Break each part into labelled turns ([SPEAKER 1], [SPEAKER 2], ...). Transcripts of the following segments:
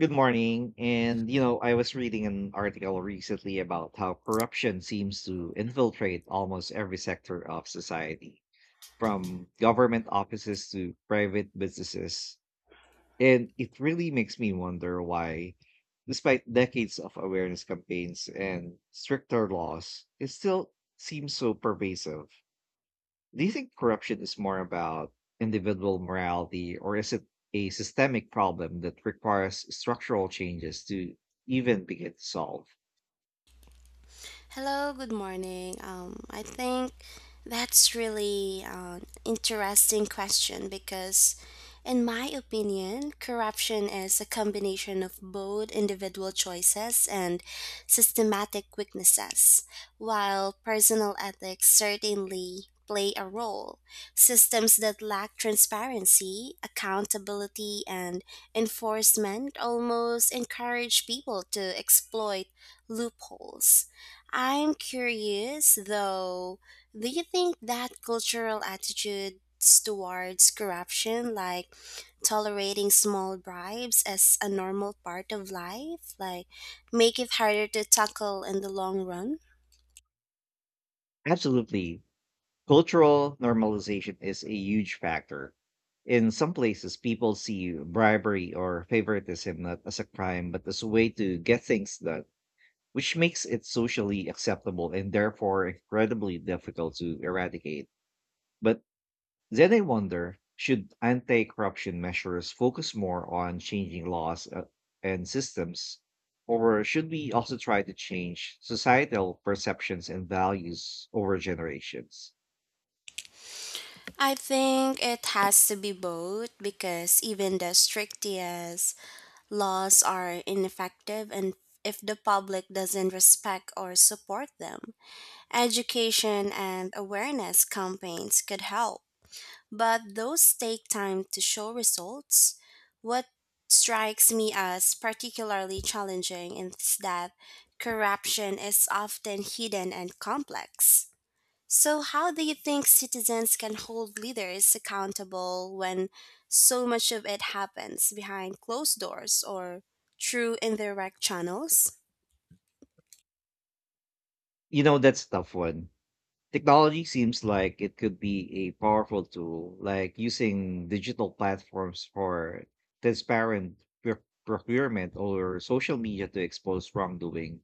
[SPEAKER 1] Good morning. I was reading an article recently about how corruption seems to infiltrate almost every sector of society, from government offices to private businesses. And it really makes me wonder why, despite decades of awareness campaigns and stricter laws, it still seems so pervasive. Do you think corruption is more about individual morality, or is it a systemic problem that requires structural changes to even begin to solve?
[SPEAKER 2] Hello, good morning. I think that's really an interesting question because, in my opinion, corruption is a combination of both individual choices and systematic weaknesses. While personal ethics certainly play a role, systems that lack transparency, accountability, and enforcement almost encourage people to exploit loopholes. I'm curious though, do you think that cultural attitudes towards corruption, like tolerating small bribes as a normal part of life, like make it harder to tackle in the long run?
[SPEAKER 1] Absolutely. Cultural normalization is a huge factor. In some places, people see bribery or favoritism not as a crime, but as a way to get things done, which makes it socially acceptable and therefore incredibly difficult to eradicate. But Then I wonder, should anti corruption measures focus more on changing laws and systems, or should we also try to change societal perceptions and values over generations?
[SPEAKER 2] I think it has to be both because even the strictest laws are ineffective and if the public doesn't respect or support them, education and awareness campaigns could help but those take time to show results. What strikes me as particularly challenging is that corruption is often hidden and complex. So, how do you think citizens can hold leaders accountable when so much of it happens behind closed doors or through indirect channels?
[SPEAKER 1] That's a tough one. Technology seems like it could be a powerful tool, like using digital platforms for transparent procurement, or social media to expose wrongdoing.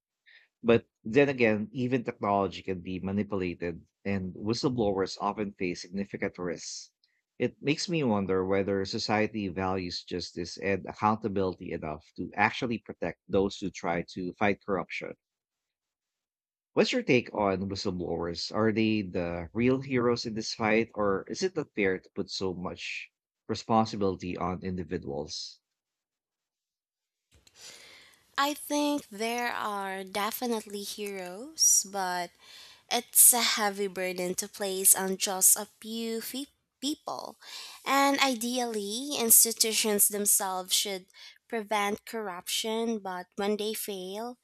[SPEAKER 1] But then again, even technology can be manipulated, and whistleblowers often face significant risks. It makes me wonder whether society values justice and accountability enough to actually protect those who try to fight corruption. What's your take on whistleblowers? Are they the real heroes in this fight, or is it not fair to put so much responsibility on individuals?
[SPEAKER 2] I think there are definitely heroes, but it's a heavy burden to place on just a people, and ideally, institutions themselves should prevent corruption, but when they fail,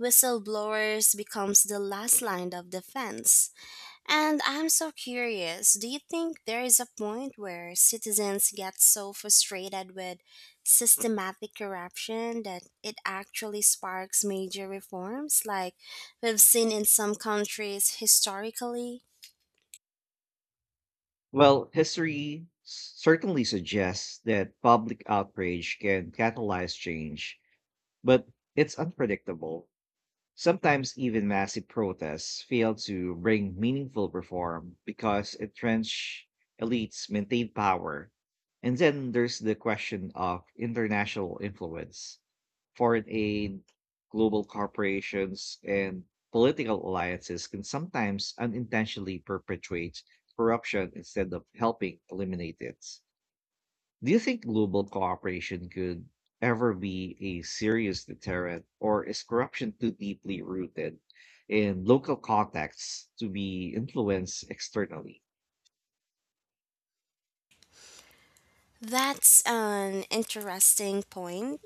[SPEAKER 2] whistleblowers becomes the last line of defense. And I'm so curious, do you think there is a point where citizens get so frustrated with systematic corruption that it actually sparks major reforms, like we've seen in some countries historically?
[SPEAKER 1] Well, history certainly suggests that public outrage can catalyze change, but it's unpredictable. Sometimes even massive protests fail to bring meaningful reform because entrenched elites maintain power. And then there's the question of international influence: foreign aid, global corporations, and political alliances can sometimes unintentionally perpetuate corruption instead of helping eliminate it. Do you think global cooperation could ever be a serious deterrent, or is corruption too deeply rooted in local contexts to be influenced externally?
[SPEAKER 2] That's an interesting point.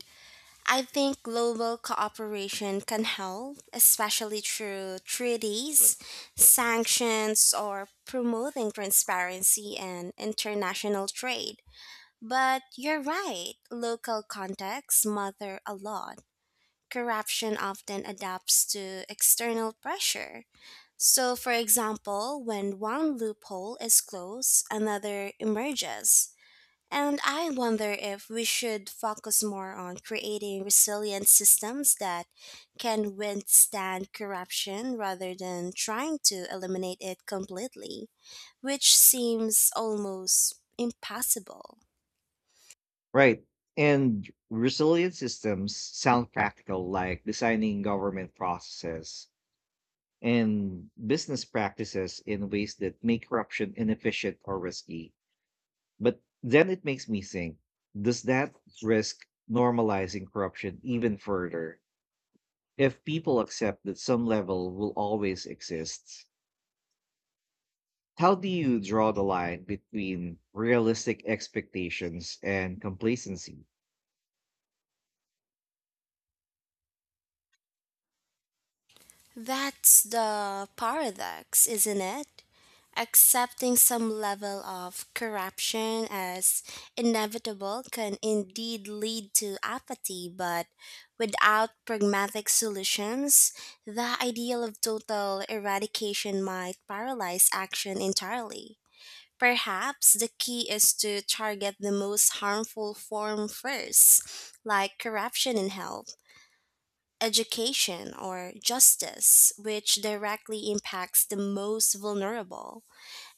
[SPEAKER 2] I think global cooperation can help, especially through treaties, sanctions, or promoting transparency and international trade. But you're right, local contexts matter a lot. Corruption often adapts to external pressure. So, for example, when one loophole is closed, another emerges. And I wonder if we should focus more on creating resilient systems that can withstand corruption rather than trying to eliminate it completely, which seems almost impossible.
[SPEAKER 1] Right. And resilient systems sound practical, like designing government processes and business practices in ways that make corruption inefficient or risky. But then it makes me think, does that risk normalizing corruption even further? If people accept that some level will always exist, how do you draw the line between realistic expectations and complacency?
[SPEAKER 2] That's the paradox, isn't it? Accepting some level of corruption as inevitable can indeed lead to apathy, but without pragmatic solutions, the ideal of total eradication might paralyze action entirely. Perhaps the key is to target the most harmful form first, like corruption in health education, or justice, which directly impacts the most vulnerable.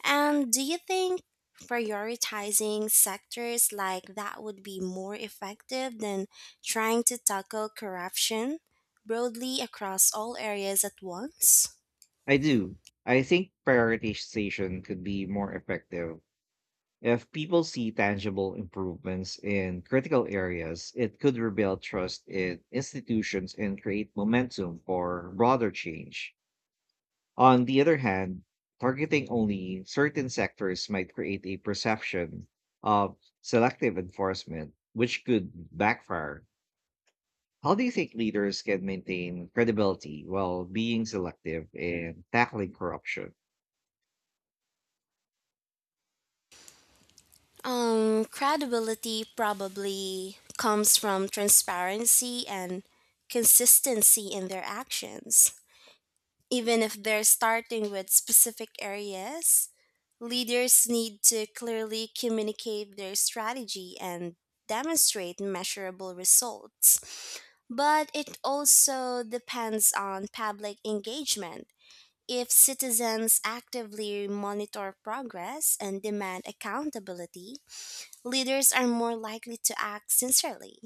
[SPEAKER 2] And do you think prioritizing sectors like that would be more effective than trying to tackle corruption broadly across all areas at once?
[SPEAKER 1] I do. I think prioritization could be more effective. If people see tangible improvements in critical areas, it could rebuild trust in institutions and create momentum for broader change. On the other hand, targeting only certain sectors might create a perception of selective enforcement, which could backfire. How do you think leaders can maintain credibility while being selective in tackling corruption?
[SPEAKER 2] Credibility probably comes from transparency and consistency in their actions. Even if they're starting with specific areas, leaders need to clearly communicate their strategy and demonstrate measurable results. But it also depends on public engagement. If citizens actively monitor progress and demand accountability, leaders are more likely to act sincerely.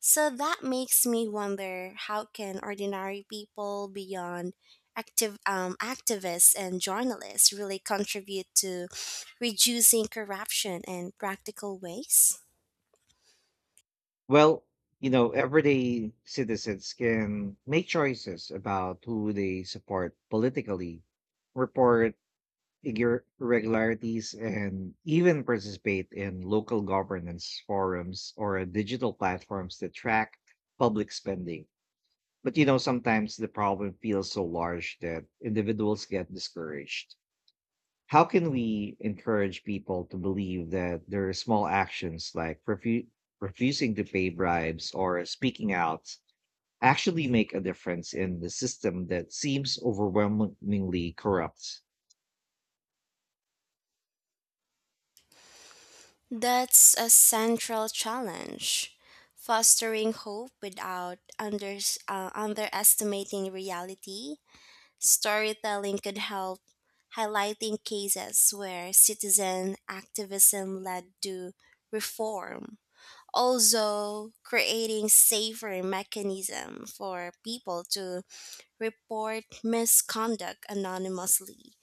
[SPEAKER 2] So that makes me wonder, how can ordinary people beyond active activists and journalists really contribute to reducing corruption in practical ways?
[SPEAKER 1] Well, everyday citizens can make choices about who they support politically, report irregularities, and even participate in local governance forums or digital platforms that track public spending. But, sometimes the problem feels so large that individuals get discouraged. How can we encourage people to believe that their small actions, like refusing to pay bribes or speaking out, actually make a difference in the system that seems overwhelmingly corrupt?
[SPEAKER 2] That's a central challenge. Fostering hope without underestimating reality. Storytelling could help, highlighting cases where citizen activism led to reform. Also, creating safer mechanism for people to report misconduct anonymously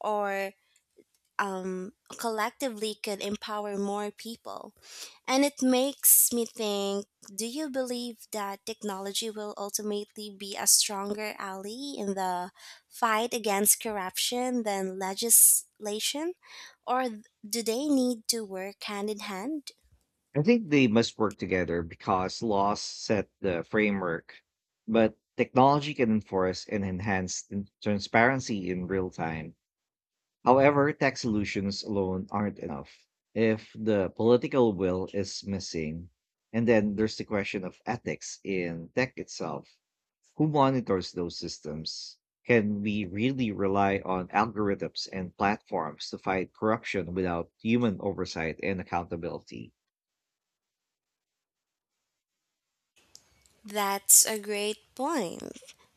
[SPEAKER 2] or um, collectively could empower more people. And it makes me think, do you believe that technology will ultimately be a stronger ally in the fight against corruption than legislation? Or do they need to work hand in hand?
[SPEAKER 1] I think they must work together because laws set the framework, but technology can enforce and enhance the transparency in real time. However, tech solutions alone aren't enough if the political will is missing. And then there's the question of ethics in tech itself: who monitors those systems? Can we really rely on algorithms and platforms to fight corruption without human oversight and accountability?
[SPEAKER 2] That's a great point.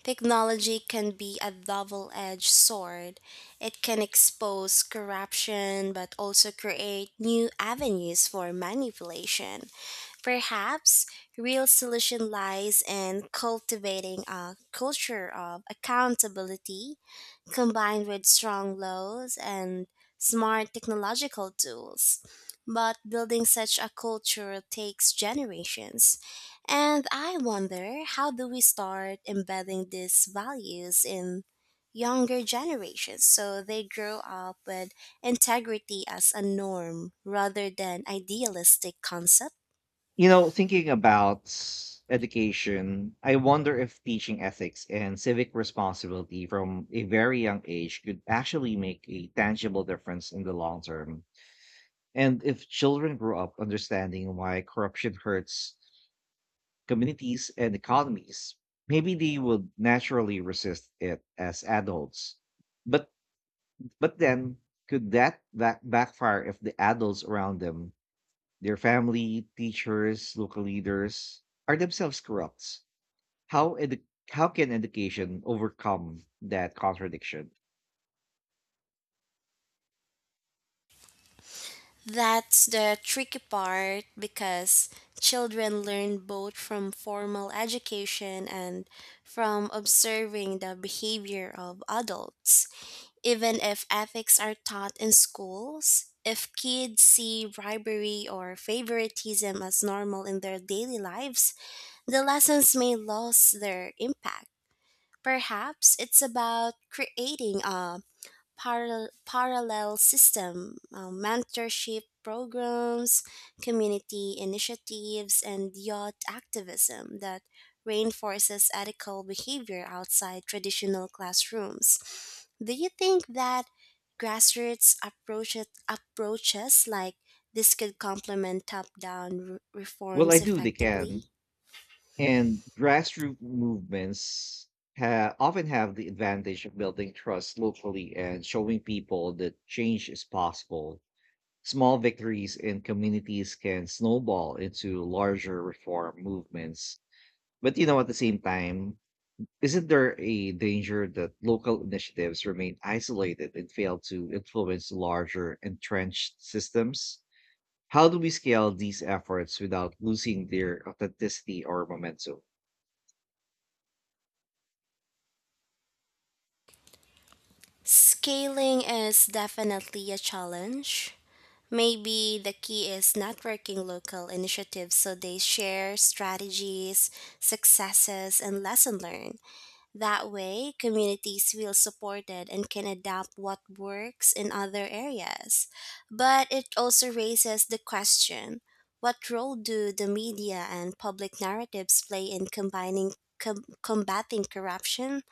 [SPEAKER 2] Technology can be a double edged sword. It can expose corruption but also create new avenues for manipulation. Perhaps real solution lies in cultivating a culture of accountability combined with strong laws and smart technological tools. But building such a culture takes generations. And I wonder, how do we start embedding these values in younger generations so they grow up with integrity as a norm rather than idealistic concepts?
[SPEAKER 1] Thinking about education, I wonder if teaching ethics and civic responsibility from a very young age could actually make a tangible difference in the long term. And if children grow up understanding why corruption hurts communities and economies, maybe they would naturally resist it as adults. But but then, could that backfire if the adults around them, their family, teachers, local leaders, are themselves corrupt? How how can education overcome that contradiction?
[SPEAKER 2] That's the tricky part because children learn both from formal education and from observing the behavior of adults. Even if ethics are taught in schools, if kids see bribery or favoritism as normal in their daily lives, the lessons may lose their impact. Perhaps it's about creating a parallel system, mentorship programs, community initiatives, and youth activism that reinforces ethical behavior outside traditional classrooms. Do you think that approaches like this could complement top down
[SPEAKER 1] Well, I
[SPEAKER 2] reforms
[SPEAKER 1] do. They
[SPEAKER 2] effectively?
[SPEAKER 1] can, and grassroots movements often have the advantage of building trust locally and showing people that change is possible. Small victories in communities can snowball into larger reform movements. But at the same time, isn't there a danger that local initiatives remain isolated and fail to influence larger entrenched systems? How do we scale these efforts without losing their authenticity or momentum?
[SPEAKER 2] Scaling is definitely a challenge. Maybe the key is networking local initiatives so they share strategies, successes, and lesson learned. That way, communities feel supported and can adapt what works in other areas. But it also raises the question, what role do the media and public narratives play in combating corruption?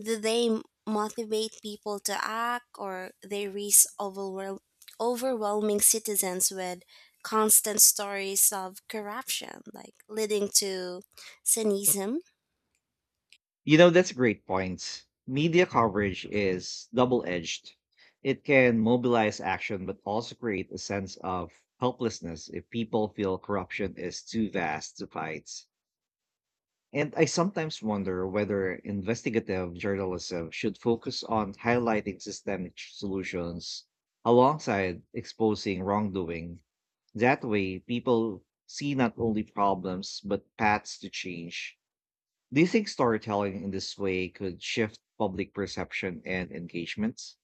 [SPEAKER 2] Do motivate people to act or they reach overwhelming citizens with constant stories of corruption like leading to cynism?
[SPEAKER 1] That's a great point. Media coverage is double edged. It can mobilize action, but also create a sense of helplessness if people feel corruption is too vast to fight. And I sometimes wonder whether investigative journalism should focus on highlighting systemic solutions alongside exposing wrongdoing. That way, people see not only problems, but paths to change. Do you think storytelling in this way could shift public perception and engagements?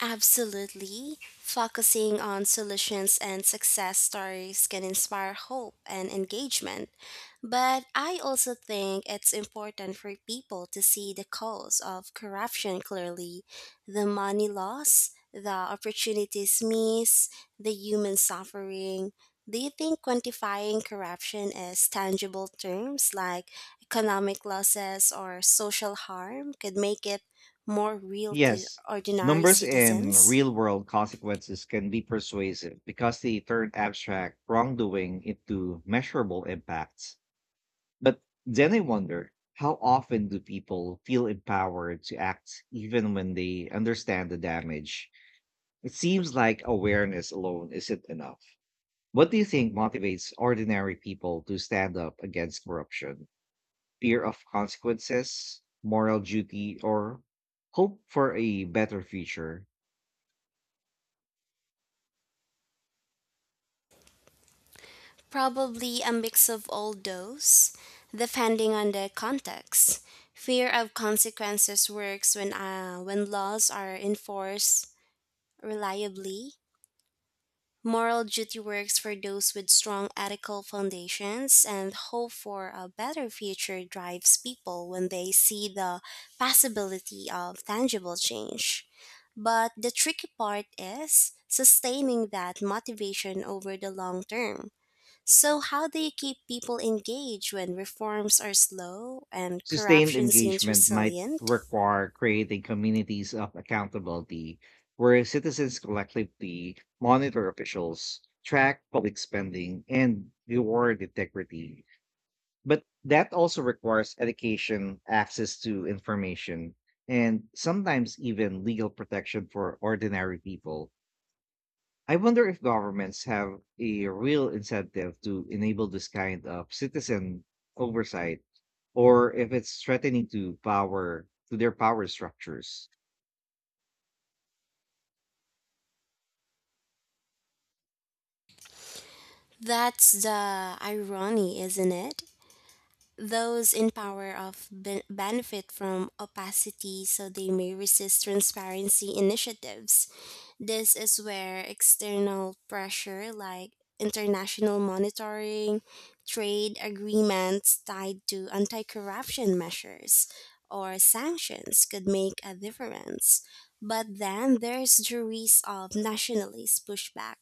[SPEAKER 2] Absolutely. Focusing on solutions and success stories can inspire hope and engagement. But I also think it's important for people to see the cause of corruption clearly, the money loss, the opportunities missed, the human suffering. Do you think quantifying corruption as tangible terms like economic losses or social harm could make it more real to
[SPEAKER 1] Yes.
[SPEAKER 2] ordinary
[SPEAKER 1] Numbers and
[SPEAKER 2] citizens?
[SPEAKER 1] real world consequences can be persuasive because they turn abstract wrongdoing into measurable impacts. But then I wonder, how often do people feel empowered to act even when they understand the damage? It seems like awareness alone isn't enough. What do you think motivates ordinary people to stand up against corruption? Fear of consequences, moral duty, or hope for a better future?
[SPEAKER 2] Probably a mix of all those, depending on the context. Fear of consequences works when laws are enforced reliably. Moral duty works for those with strong ethical foundations and hope for a better future drives people when they see the possibility of tangible change. But the tricky part is sustaining that motivation over the long term. So, how do you keep people engaged when reforms are slow and
[SPEAKER 1] Sustained
[SPEAKER 2] corruption seems
[SPEAKER 1] engagement might
[SPEAKER 2] resilient?
[SPEAKER 1] require creating communities of accountability where citizens collectively monitor officials, track public spending, and reward integrity. But that also requires education, access to information, and sometimes even legal protection for ordinary people. I wonder if governments have a real incentive to enable this kind of citizen oversight, or if it's threatening to power, to their power structures.
[SPEAKER 2] That's the irony, isn't it? Those in power of benefit from opacity so they may resist transparency initiatives. This is where external pressure like international monitoring, trade agreements tied to anti corruption measures, or sanctions could make a difference. But then there's the risk of nationalist pushback,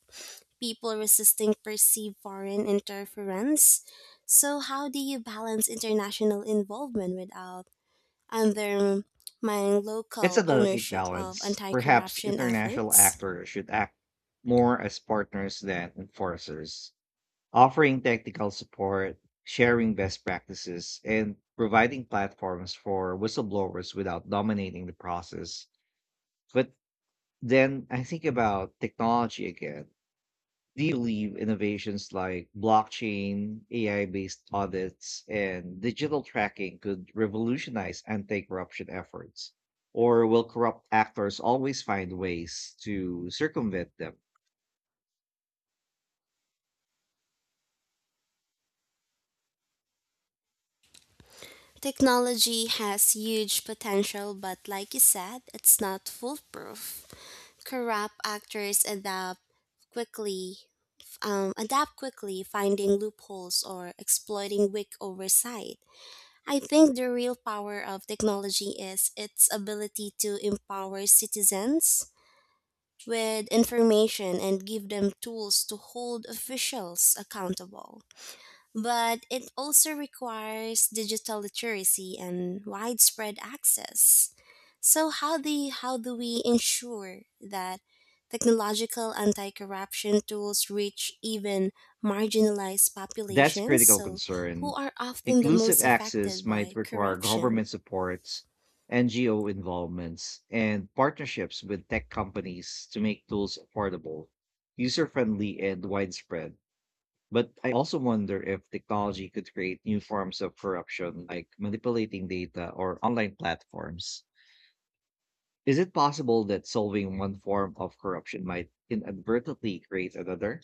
[SPEAKER 2] people resisting perceived foreign interference. So, how do you balance international involvement without undermining
[SPEAKER 1] It's a
[SPEAKER 2] local
[SPEAKER 1] delicate
[SPEAKER 2] ownership of
[SPEAKER 1] balance.
[SPEAKER 2] anti
[SPEAKER 1] Perhaps
[SPEAKER 2] corruption
[SPEAKER 1] international
[SPEAKER 2] efforts?
[SPEAKER 1] actors should act more as partners than enforcers, offering technical support, sharing best practices, and providing platforms for whistleblowers without dominating the process. But then I think about technology again. Do you believe innovations like blockchain, AI based audits, and digital tracking could revolutionize anti corruption efforts? Or will corrupt actors always find ways to circumvent them?
[SPEAKER 2] Technology has huge potential, but like you said, it's not foolproof. Corrupt actors adapt quickly, quickly, finding loopholes or exploiting weak oversight. I think the real power of technology is its ability to empower citizens with information and give them tools to hold officials accountable but it also requires digital literacy and widespread access. So how do we ensure that technological anti-corruption tools reach even marginalized
[SPEAKER 1] That's a
[SPEAKER 2] populations
[SPEAKER 1] critical
[SPEAKER 2] so who
[SPEAKER 1] concern.
[SPEAKER 2] are often the
[SPEAKER 1] Inclusive
[SPEAKER 2] most
[SPEAKER 1] access
[SPEAKER 2] affected
[SPEAKER 1] might
[SPEAKER 2] by
[SPEAKER 1] require
[SPEAKER 2] corruption?
[SPEAKER 1] government supports, NGO involvements, and partnerships with tech companies to make tools affordable, user friendly, and widespread. But I also wonder if technology could create new forms of corruption, like manipulating data or online platforms. Is it possible that solving one form of corruption might inadvertently create another?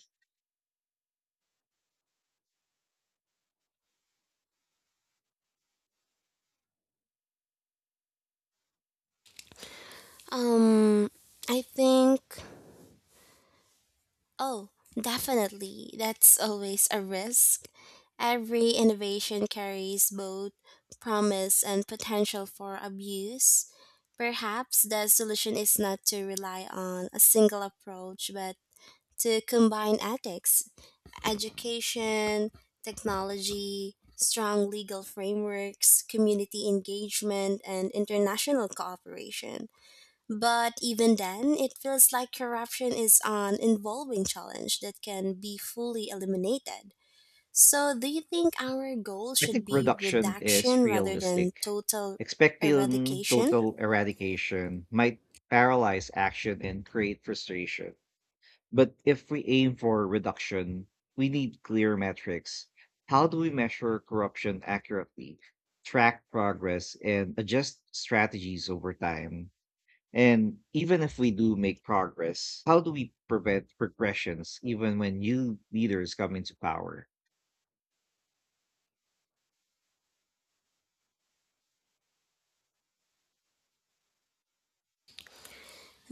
[SPEAKER 2] Um I think Oh, definitely. That's always a risk. Every innovation carries both promise and potential for abuse. Perhaps the solution is not to rely on a single approach, but to combine ethics, education, technology, strong legal frameworks, community engagement, and international cooperation. But even then, it feels like corruption is an involving challenge that can be fully eliminated. So, do you think our goal
[SPEAKER 1] I
[SPEAKER 2] should
[SPEAKER 1] think
[SPEAKER 2] be
[SPEAKER 1] reduction is
[SPEAKER 2] reduction rather than
[SPEAKER 1] realistic.
[SPEAKER 2] total
[SPEAKER 1] Expecting
[SPEAKER 2] eradication?
[SPEAKER 1] total eradication might paralyze action and create frustration. But if we aim for reduction, we need clear metrics. How do we measure corruption accurately, track progress, and adjust strategies over time? And even if we do make progress, how do we prevent regressions even when new leaders come into power?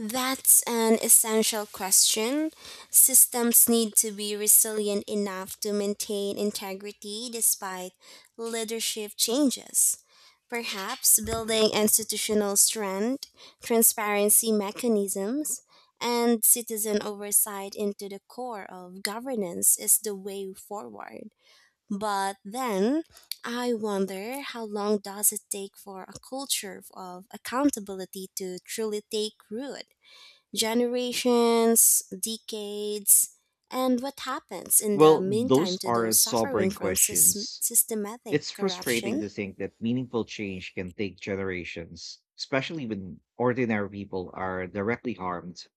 [SPEAKER 2] That's an essential question. Systems need to be resilient enough to maintain integrity despite leadership changes. Perhaps building institutional strength, transparency mechanisms, and citizen oversight into the core of governance is the way forward. But then, I wonder, how long does it take for a culture of accountability to truly take root? Generations, decades, and what happens in the
[SPEAKER 1] Well,
[SPEAKER 2] meantime
[SPEAKER 1] those
[SPEAKER 2] to
[SPEAKER 1] are
[SPEAKER 2] those suffering
[SPEAKER 1] sobering
[SPEAKER 2] from
[SPEAKER 1] questions.
[SPEAKER 2] systematic
[SPEAKER 1] It's frustrating
[SPEAKER 2] corruption?
[SPEAKER 1] to think that meaningful change can take generations, especially when ordinary people are directly harmed.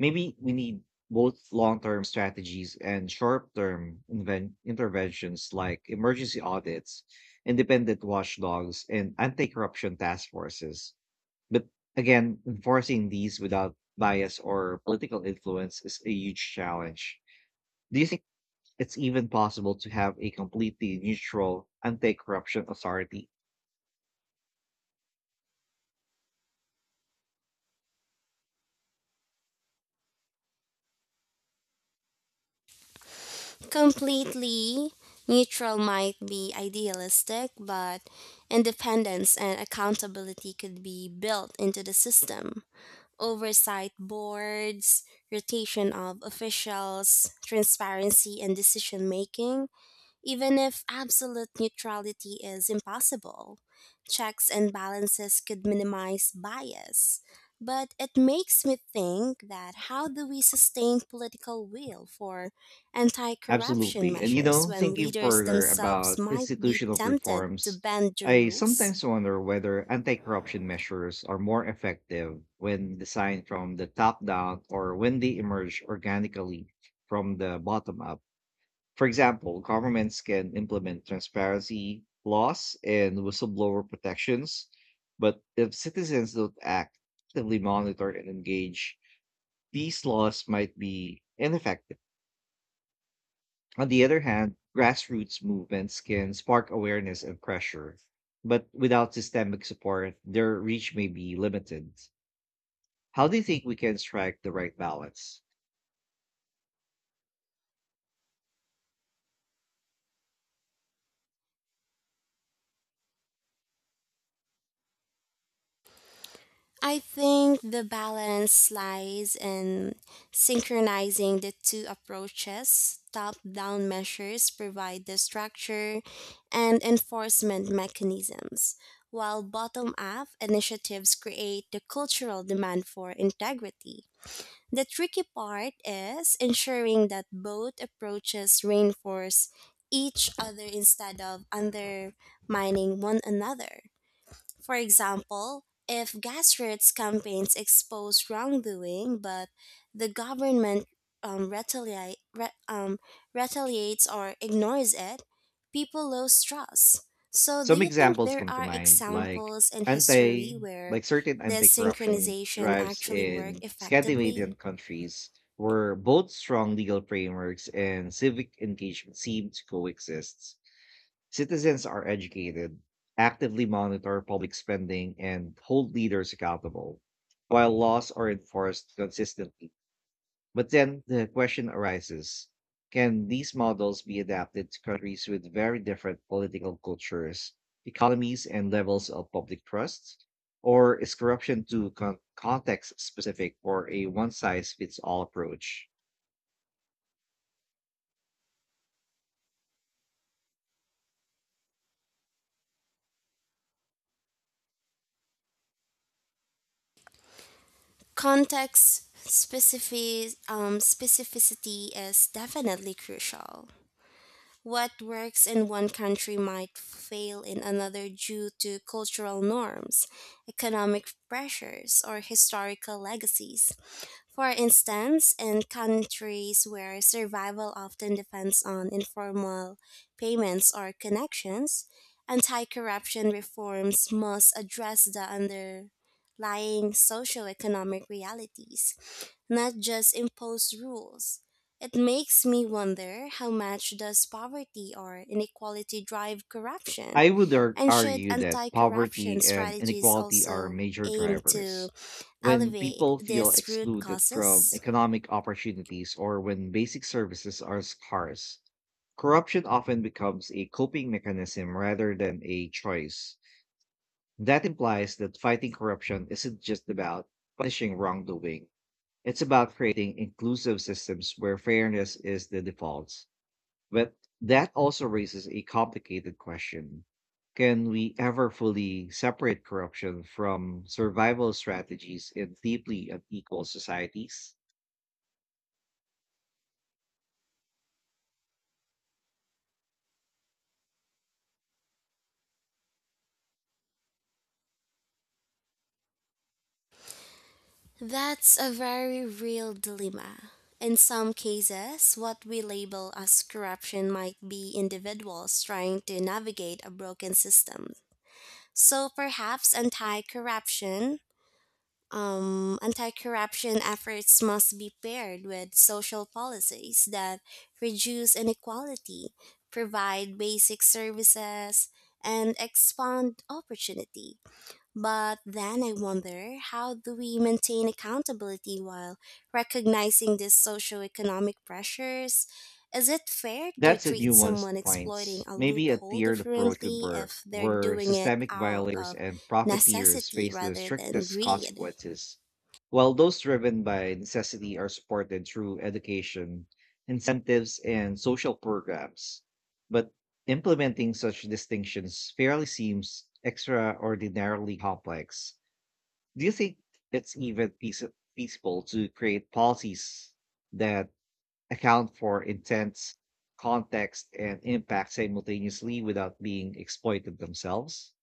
[SPEAKER 1] Maybe we need both long term strategies and short term interventions, like emergency audits, independent watchdogs, and anti corruption task forces. But again, enforcing these without bias or political influence is a huge challenge. Do you think it's even possible to have a completely neutral anti corruption authority?
[SPEAKER 2] Completely neutral might be idealistic, but independence and accountability could be built into the system. Oversight boards, rotation of officials, transparency in decision making. Even if absolute neutrality is impossible, checks and balances could minimize bias. But it makes me think that how do we sustain political will for anti corruption
[SPEAKER 1] Absolutely. And
[SPEAKER 2] measures when
[SPEAKER 1] thinking
[SPEAKER 2] leaders
[SPEAKER 1] further
[SPEAKER 2] themselves
[SPEAKER 1] about
[SPEAKER 2] might be
[SPEAKER 1] institutional
[SPEAKER 2] tempted to
[SPEAKER 1] reforms,
[SPEAKER 2] bend the
[SPEAKER 1] I
[SPEAKER 2] rules?
[SPEAKER 1] sometimes wonder whether anti corruption measures are more effective when designed from the top down, or when they emerge organically from the bottom up. For example, governments can implement transparency laws and whistleblower protections, but if citizens don't act, actively monitor and engage, these laws might be ineffective. On the other hand, grassroots movements can spark awareness and pressure, but without systemic support, their reach may be limited. How do you think we can strike the right balance?
[SPEAKER 2] I think the balance lies in synchronizing the two approaches. Top down measures provide the structure and enforcement mechanisms, while bottom up initiatives create the cultural demand for integrity. The tricky part is ensuring that both approaches reinforce each other instead of undermining one another. For example, if grassroots campaigns expose wrongdoing but the government um, retaliate, re, um, retaliates or ignores it, people lose trust. So, do
[SPEAKER 1] Some
[SPEAKER 2] you think
[SPEAKER 1] examples
[SPEAKER 2] there
[SPEAKER 1] come to
[SPEAKER 2] are
[SPEAKER 1] mind, like
[SPEAKER 2] examples in
[SPEAKER 1] anti,
[SPEAKER 2] history where
[SPEAKER 1] like certain
[SPEAKER 2] this
[SPEAKER 1] anti-corruption
[SPEAKER 2] synchronization
[SPEAKER 1] drives
[SPEAKER 2] actually worked
[SPEAKER 1] in
[SPEAKER 2] effectively?
[SPEAKER 1] Scandinavian countries, where both strong legal frameworks and civic engagement seem to coexist. Citizens are educated, actively monitor public spending, and hold leaders accountable, while laws are enforced consistently. But then the question arises, can these models be adapted to countries with very different political cultures, economies, and levels of public trust? Or is corruption too context specific for a one size fits all approach?
[SPEAKER 2] Context specificity is definitely crucial. What works in one country might fail in another due to cultural norms, economic pressures, or historical legacies. For instance, in countries where survival often depends on informal payments or connections, anti corruption reforms must address the underlying socioeconomic realities, not just impose rules. It makes me wonder, how much does poverty or inequality drive corruption?
[SPEAKER 1] I would
[SPEAKER 2] And should
[SPEAKER 1] argue that
[SPEAKER 2] anti corruption
[SPEAKER 1] poverty and
[SPEAKER 2] strategies
[SPEAKER 1] inequality are
[SPEAKER 2] also
[SPEAKER 1] major
[SPEAKER 2] aim to
[SPEAKER 1] drivers. When
[SPEAKER 2] elevate
[SPEAKER 1] people feel
[SPEAKER 2] these root
[SPEAKER 1] excluded from
[SPEAKER 2] causes?
[SPEAKER 1] economic opportunities, or when basic services are scarce, corruption often becomes a coping mechanism rather than a choice. That implies that fighting corruption isn't just about punishing wrongdoing, it's about creating inclusive systems where fairness is the default. But that also raises a complicated question. Can we ever fully separate corruption from survival strategies in deeply unequal societies?
[SPEAKER 2] That's a very real dilemma. In some cases, what we label as corruption might be individuals trying to navigate a broken system. So perhaps anti corruption efforts must be paired with social policies that reduce inequality, provide basic services, and expand opportunity. But then I wonder, how do we maintain accountability while recognizing these socioeconomic pressures? Is it fair to
[SPEAKER 1] That's a
[SPEAKER 2] treat
[SPEAKER 1] nuanced
[SPEAKER 2] someone exploiting
[SPEAKER 1] points.
[SPEAKER 2] a
[SPEAKER 1] Maybe a
[SPEAKER 2] loophole
[SPEAKER 1] tiered approach would
[SPEAKER 2] differently
[SPEAKER 1] work,
[SPEAKER 2] if they're
[SPEAKER 1] where
[SPEAKER 2] doing it
[SPEAKER 1] systemic
[SPEAKER 2] out
[SPEAKER 1] violators
[SPEAKER 2] of
[SPEAKER 1] and profiteers
[SPEAKER 2] necessity
[SPEAKER 1] face the
[SPEAKER 2] rather than
[SPEAKER 1] strictest
[SPEAKER 2] greed?
[SPEAKER 1] consequences, while those driven by necessity are supported through education, incentives, and social programs. But implementing such distinctions fairly seems extraordinarily complex. Do you think it's even feasible to create policies that account for intents, context, and impact simultaneously without being exploited themselves?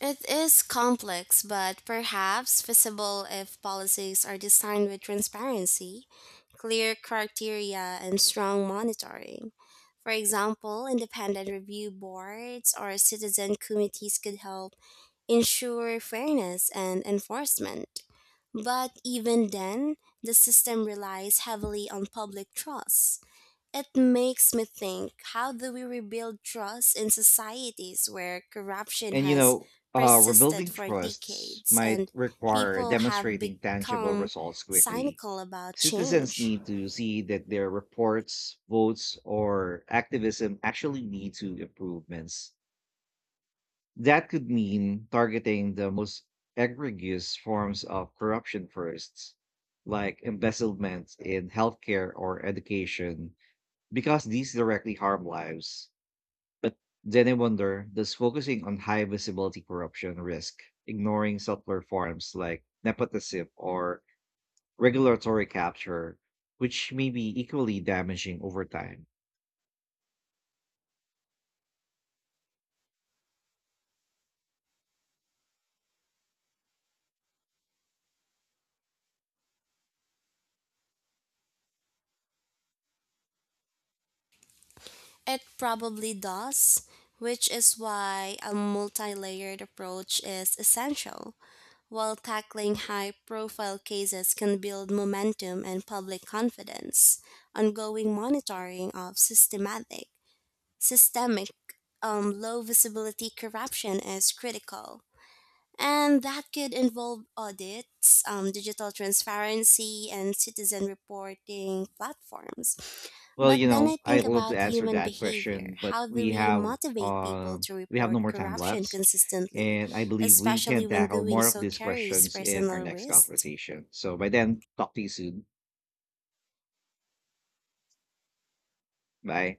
[SPEAKER 2] It is complex, but perhaps feasible if policies are designed with transparency, clear criteria, and strong monitoring. For example, independent review boards or citizen committees could help ensure fairness and enforcement. But even then, the system relies heavily on public trust. It makes me think, how do we rebuild trust in societies where corruption
[SPEAKER 1] And
[SPEAKER 2] has persisted
[SPEAKER 1] rebuilding
[SPEAKER 2] for
[SPEAKER 1] trusts
[SPEAKER 2] decades
[SPEAKER 1] might
[SPEAKER 2] and
[SPEAKER 1] require
[SPEAKER 2] people have
[SPEAKER 1] demonstrating tangible
[SPEAKER 2] become
[SPEAKER 1] results quickly.
[SPEAKER 2] cynical about
[SPEAKER 1] Citizens
[SPEAKER 2] change?
[SPEAKER 1] need to see that their reports, votes, or activism actually lead to improvements. That could mean targeting the most egregious forms of corruption first, like embezzlement in healthcare or education, because these directly harm lives. But then I wonder, does focusing on high visibility corruption risk ignoring subtler forms, like nepotism or regulatory capture, which may be equally damaging over time?
[SPEAKER 2] It probably does, which is why a multi layered approach is essential. While tackling high profile cases can build momentum and public confidence, ongoing monitoring of systematic Systemic low visibility corruption is critical, and that could involve audits, digital transparency, and citizen reporting platforms.
[SPEAKER 1] Well,
[SPEAKER 2] But then I
[SPEAKER 1] I
[SPEAKER 2] think
[SPEAKER 1] love
[SPEAKER 2] about
[SPEAKER 1] to answer
[SPEAKER 2] human
[SPEAKER 1] that
[SPEAKER 2] behavior.
[SPEAKER 1] question, but
[SPEAKER 2] How do we motivate people to
[SPEAKER 1] we have no
[SPEAKER 2] report
[SPEAKER 1] more time
[SPEAKER 2] corruption
[SPEAKER 1] left,
[SPEAKER 2] consistently,
[SPEAKER 1] and I believe we can
[SPEAKER 2] especially when
[SPEAKER 1] tackle
[SPEAKER 2] doing
[SPEAKER 1] more of
[SPEAKER 2] so
[SPEAKER 1] these
[SPEAKER 2] carries
[SPEAKER 1] questions in our
[SPEAKER 2] personal
[SPEAKER 1] next
[SPEAKER 2] risks?
[SPEAKER 1] conversation. So by then, talk to you soon. Bye.